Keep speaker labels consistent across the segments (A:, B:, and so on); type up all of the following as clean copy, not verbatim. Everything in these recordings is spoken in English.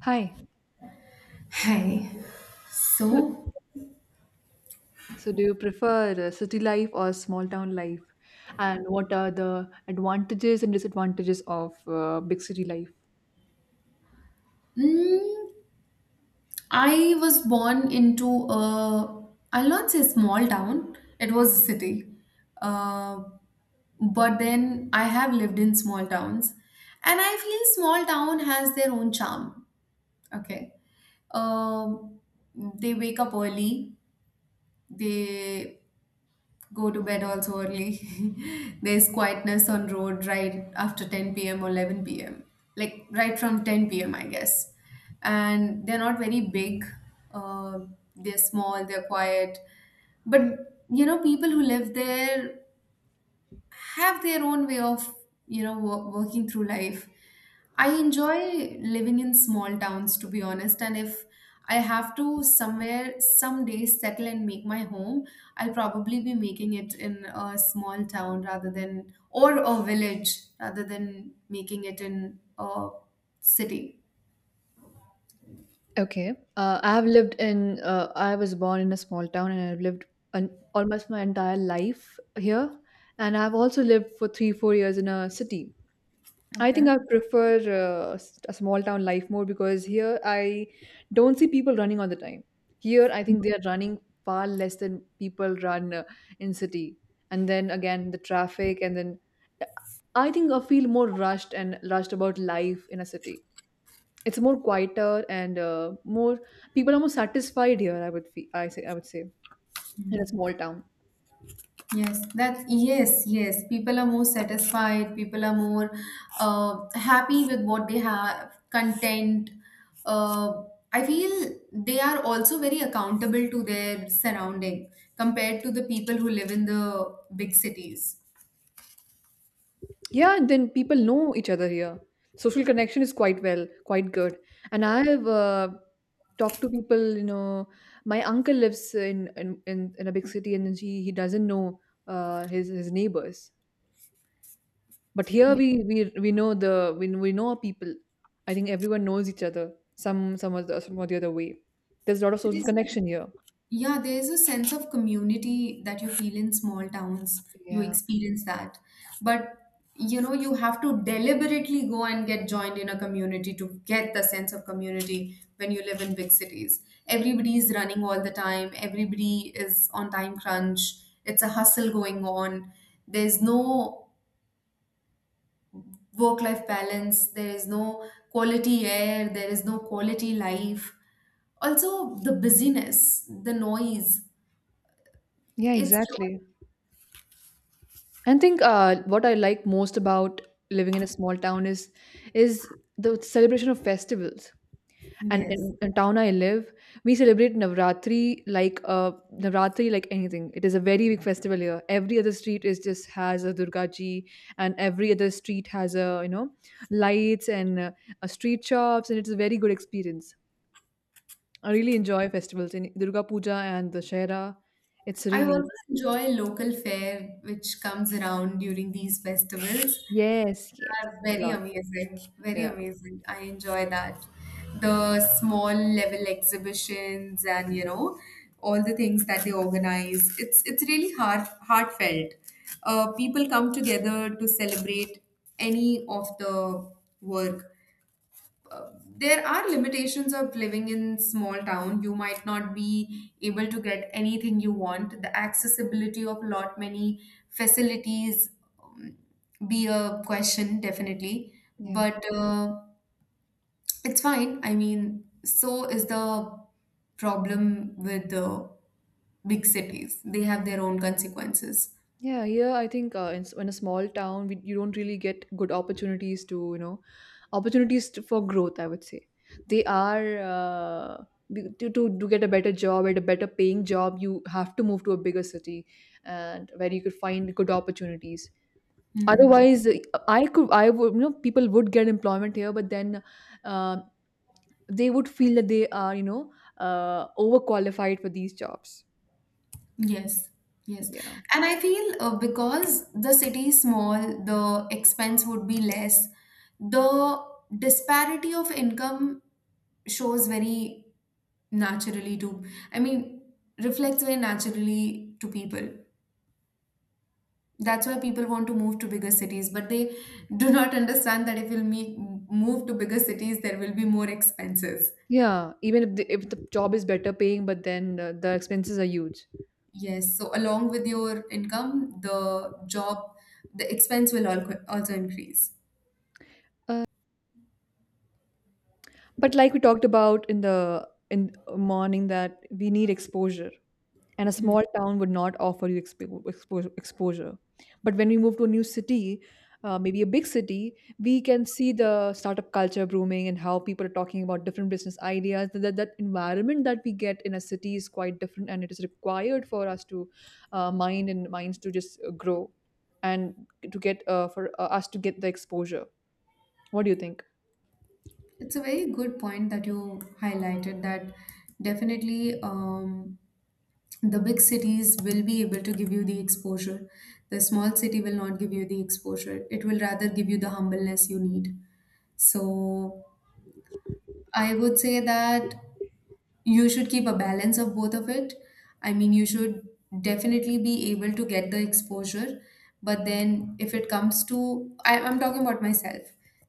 A: Hi.
B: Hi.
A: So,
B: So,
A: So do you prefer city life or small town life? And what are the advantages and disadvantages of big city life?
B: mm, I was born into a, I'll not say small town, it was a city. Uh, but then I have lived in small towns. And I feel small town has their own charm. Okay. Um, they wake up early, they go to bed also early. There's quietness on road right after 10 p.m. or 11 p.m. Like right from 10 p.m., I guess. And they're not very big. Uh, they're small. They're quiet. But people who live there have their own way of working through life. I enjoy living in small towns, to be honest. And if I have to somewhere someday settle and make my home, I'll probably be making it in a small town, rather than, or a village, rather than making it in a city.
A: Okay. I have lived in, I was born in a small town and I've lived an, almost my entire life here. And I've also lived for three, 4 years in a city. I
B: Okay.
A: think I prefer a small town life more because here I don't see people running all the time. Here I think they are running far less than people run in city. And then again the traffic and then uh, I think I feel more rushed and rushed about life in a city. It's more quieter and more people are more satisfied here I would feel, I say I would say in a small town.
B: Yes, that, yes, yes. People are more satisfied. People are more happy with what they have. Content. Uh, I feel they are also very accountable to their surrounding compared to the people who live in the big cities.
A: Yeah, and then people know each other here. Social connection is quite well, quite good. And I have talked to people. You know, my uncle lives in a big city, and he doesn't know his his neighbors. But here we know the we know our people. I think everyone knows each other some or the other way. There's a lot of social
B: Yes.
A: connection here.
B: Yeah, there's a sense of community that you feel in small towns. You
A: Yeah.
B: experience that. But you have to deliberately go and get joined in a community to get the sense of community when you live in big cities. Everybody is running all the time, everybody is on time crunch. It's a hustle going on. There's no work life balance, there is no quality air, there is no quality life, also the busyness, the noise,
A: Yeah.
B: it's...
A: Exactly. I think what I like most about living in a small town is the celebration of festivals. And
B: Yes.
A: in the town I live, we celebrate Navratri Navratri like anything. It is a very big festival here. Every other street is just has a Durga Ji, and every other street has a you know lights and street shops, and it's a very good experience. I really enjoy festivals in Durga Puja and the Shahera. It's
B: I also
A: really
B: enjoy local fare which comes around during these festivals.
A: yes, yes,
B: Are
A: a
B: very
A: lot.
B: amazing, very
A: Yeah,
B: amazing. I enjoy that. The small level exhibitions and all the things that they organize. It's really heartfelt. People come together to celebrate any of the work. There are limitations of living in small town, you might not be able to get anything you want. The accessibility of lot many facilities um, be a question definitely.
A: yeah.
B: But it's fine, I mean, so is the problem with the big cities, they have their own consequences.
A: Yeah, here I think in a small town, we, you don't really get good opportunities to, you know, opportunities to, for growth, I would say. They are, to get a better job, at a better paying job, you have to move to a bigger city and where you could find good opportunities.
B: Hmm.
A: Otherwise, I could, I would, you know, people would get employment here, but then uh, they would feel that they are, you know, overqualified for these jobs.
B: Yes, yes.
A: Yeah.
B: And I feel because the city is small, the expense would be less. The disparity of income shows very naturally to, I mean, reflects very naturally to people. That's why people want to move to bigger cities, but they do not understand that if you'll me move to bigger cities, there will be more expenses.
A: Yeah, even if the job is better paying, but then the expenses are huge.
B: Yes, so along with your income, the job, the expense will also increase.
A: Uh, but like we talked about in the in morning that we need exposure. And a small town would not offer you exposure. But when we move to a new city, maybe a big city, we can see the startup culture blooming and how people are talking about different business ideas. Environment that we get in a city is quite different, and it is required for us to mind and minds to just grow and to get for us to get the exposure. What do you think?
B: It's a very good point that you highlighted, that definitely the big cities will be able to give you the exposure. The small city will not give you the exposure. It will rather give you the humbleness you need. So I would say that you should keep a balance of both of it. I mean, you should definitely be able to get the exposure, but then if it comes to, I'm talking about myself,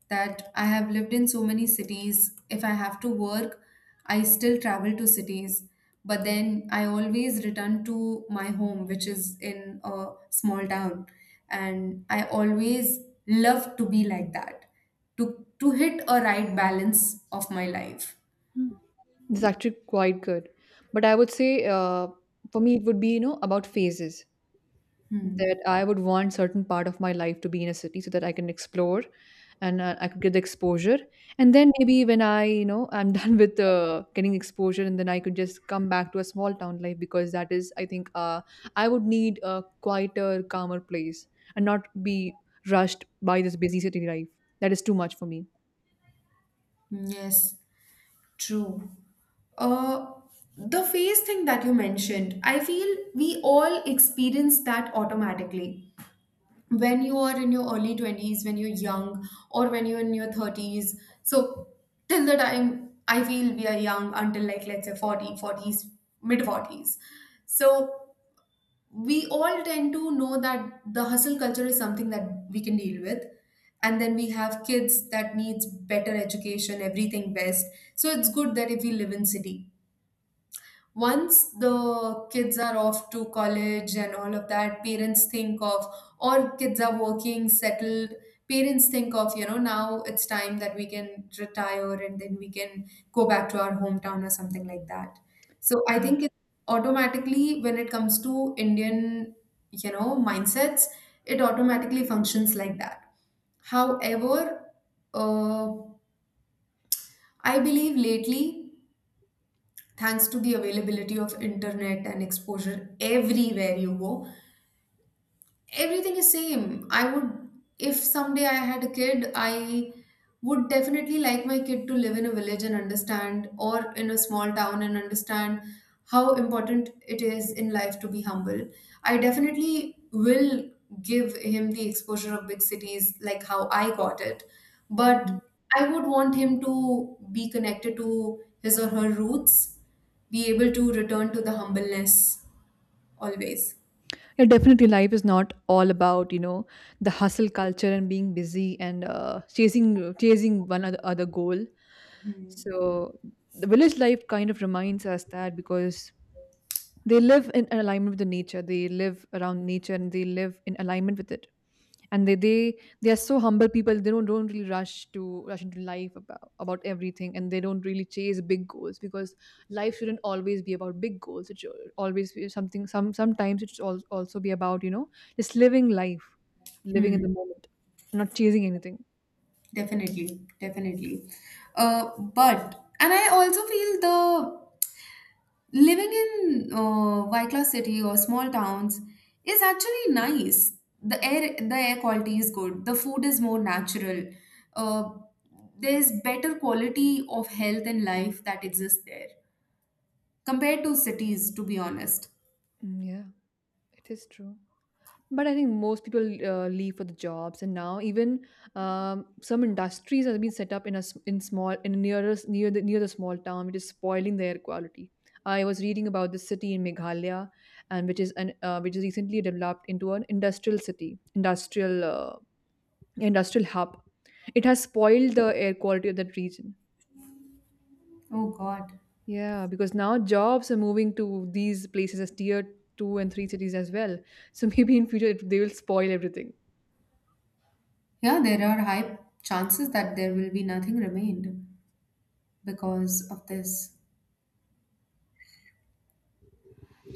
B: that I have lived in so many cities. If I have to work, I still travel to cities, but then I always return to my home, which is in a small town. And I always love to be like that, to hit a right balance of my life.
A: Hmm. This is actually quite good. But I would say for me, it would be, you know, about phases. That
B: Hmm.
A: I would want certain part of my life to be in a city so that I can explore and I could get the exposure. And then maybe when I, you know, I'm done with getting exposure and then I could just come back to a small town life because that is, I think, I would need a quieter, calmer place and not be rushed by this busy city life. That is too much for me.
B: Yes. True. Uh, the phase thing that you mentioned, I feel we all experience that automatically. When you are in your early 20s, when you're young, or when you're in your 30s. So, till the time I feel we are young, until like, let's say 40, forties, mid 40s. So, we all tend to know that the hustle culture is something that we can deal with. And then we have kids that needs better education, everything best. So it's good that if we live in city, once the kids are off to college and all of that, parents think of, or kids are working settled, parents think of, now it's time that we can retire, and then we can go back to our hometown or something like that. So I
A: Yeah.
B: think it automatically, when it comes to Indian mindsets, it automatically functions like that. However, uh, I believe lately, thanks to the availability of internet and exposure everywhere you go, everything is same. I would, if someday I had a kid, I would definitely like my kid to live in a village and understand, or in a small town and understand how important it is in life to be humble. I definitely will give him the exposure of big cities, like how I got it. But I would want him to be connected to his or her roots, be able to return to the humbleness always.
A: Yeah, definitely, life is not all about you know the hustle culture and being busy and chasing one other, other goal. So the village life kind of reminds us that because they live in alignment with the nature they live around nature and they live in alignment with it and they are so humble people they don't really rush to rush into life about everything and they don't really chase big goals because life shouldn't always be about big goals it should always be something some sometimes it should al- also be about you know just living life living in
B: Hmm.
A: the moment not chasing anything.
B: Definitely, definitely. But and I also feel the living in Wycliffe City or small towns is actually nice. The air quality is good. The food is more natural. Uh, there's better quality of health and life that exists there compared to cities, to be honest.
A: Mm, yeah it is true. But I think most people leave for the jobs, and now even some industries have been set up in a s- in small in nearer near the small town, which is spoiling the air quality. I was reading about this city in Meghalaya, and which is an which is recently developed into an industrial city, industrial industrial hub. It has spoiled the air quality of that region.
B: Oh God.
A: Yeah, because now jobs are moving to these places as tier two and three cities as well. So maybe in future it, they will spoil everything.
B: Yeah, there are high chances that there will be nothing remained because of this.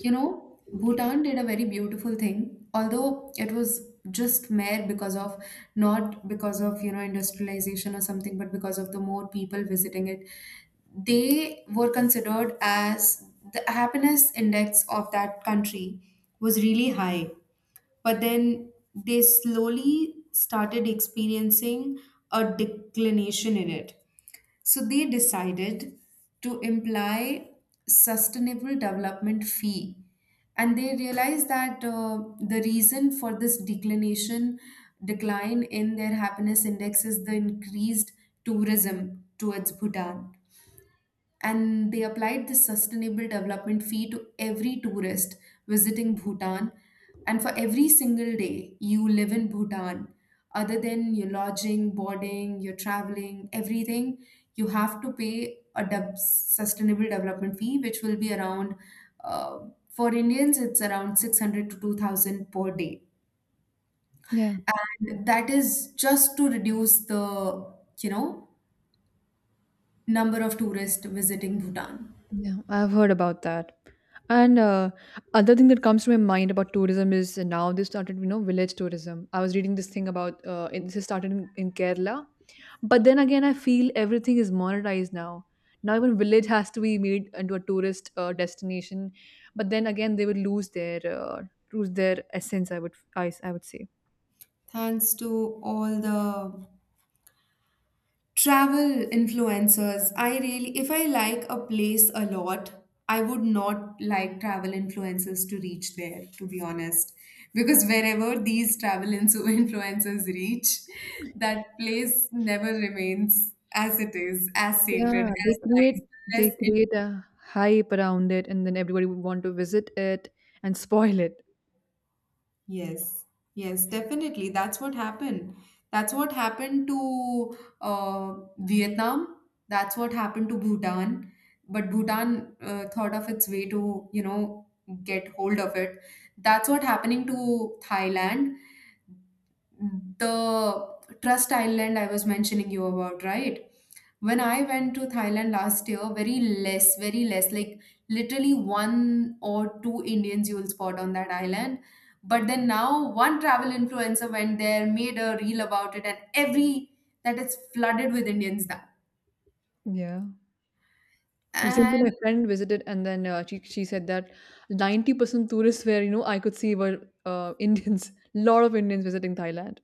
B: Bhutan did a very beautiful thing, although it was just mere because of, not because of, industrialization or something, but because of the more people visiting it. They were considered as the happiness index of that country was really high, but then they slowly started experiencing a declination in it. So they decided to imply sustainable development fee, and they realized that the reason for this declination decline in their happiness index is the increased tourism towards Bhutan. And they applied this sustainable development fee to every tourist visiting Bhutan. And for every single day you live in Bhutan, other than your lodging, boarding, your traveling, everything, you have to pay a sustainable development fee, which will be around, uh, for Indians, it's around 600 to 2000 per day.
A: Yeah.
B: And that is just to reduce the, you know, number of tourists visiting Bhutan.
A: Yeah, I've heard about that. And other thing that comes to my mind about tourism is now they started, you know, village tourism. I was reading this thing about this is started in Kerala, but then again, I feel everything is monetized now. Now even village has to be made into a tourist destination, but then again, they would lose their essence. I would I would say.
B: Thanks to all the travel influencers, I really, if I like a place a lot, I would not like travel influencers to reach there, to be honest. Because wherever these travel influencers reach, that place never remains as it is, as sacred,
A: Yeah, they
B: as nice.
A: create they
B: Unless...
A: create a hype around it, and then everybody would want to visit it and spoil it.
B: Yes, yes, definitely. That's what happened. That's what happened to Vietnam. That's what happened to Bhutan. But Bhutan thought of its way to, you know, get hold of it. That's what happening to Thailand, the Trust Island I was mentioning you about, right? When I went to Thailand last year, very less, like literally one or two Indians you'll spot on that island. But then now one travel influencer went there, made a reel about it, and every that is flooded with Indians now.
A: Yeah. Recently,
B: And
A: my friend visited, and then she she said that 90% tourists where you know I could see were Indians. Lot of Indians visiting Thailand.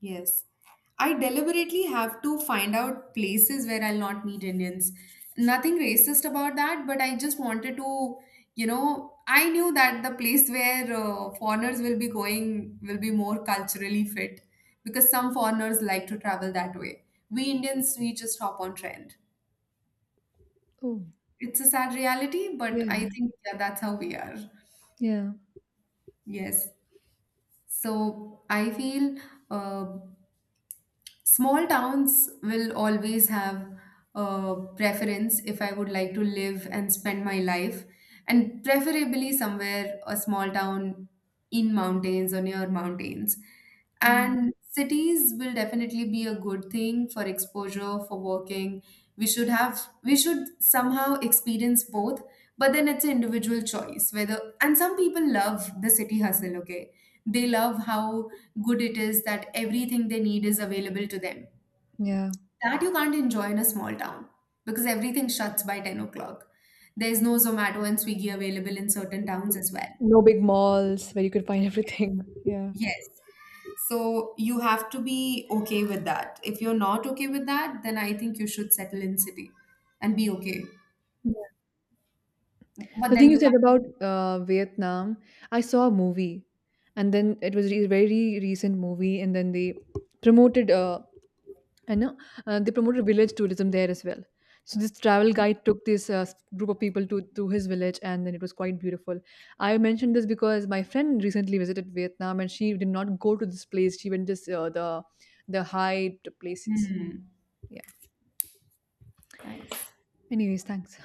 B: yes. I deliberately have to find out places where I'll not meet Indians. Nothing racist about that, but I just wanted to, I knew that the place where foreigners will be going will be more culturally fit because some foreigners like to travel that way. We Indians, we just hop on trend.
A: Oh
B: It's a sad reality, but
A: yeah,
B: I think, yeah, that's how we are.
A: yeah,
B: Yes. So I feel uh, small towns will always have a preference if I would like to live and spend my life, and preferably somewhere a small town in mountains or near mountains.
A: yeah,
B: And cities will definitely be a good thing for exposure, for working. We should somehow experience both, but then it's an individual choice whether, and some people love the city hustle, okay? They love how good it is that everything they need is available to them.
A: yeah.
B: That you can't enjoy in a small town because everything shuts by 10 o'clock. There's no Zomato and Swiggy available in certain towns as well.
A: No big malls where you could find everything. Yeah.
B: Yes. So you have to be okay with that. If you're not okay with that, then I think you should settle in city and be okay.
A: Yeah.
B: But
A: The
B: then
A: thing you
B: you
A: said
B: can't.
A: about Vietnam, I saw a movie, and then it was a very recent movie, and then they promoted. And They promoted village tourism there as well. So this travel guide took this group of people to his village and then it was quite beautiful. I mentioned this because my friend recently visited Vietnam and she did not go to this place. She went just the high places.
B: Hmm.
A: Yeah,
B: Nice.
A: anyways, thanks.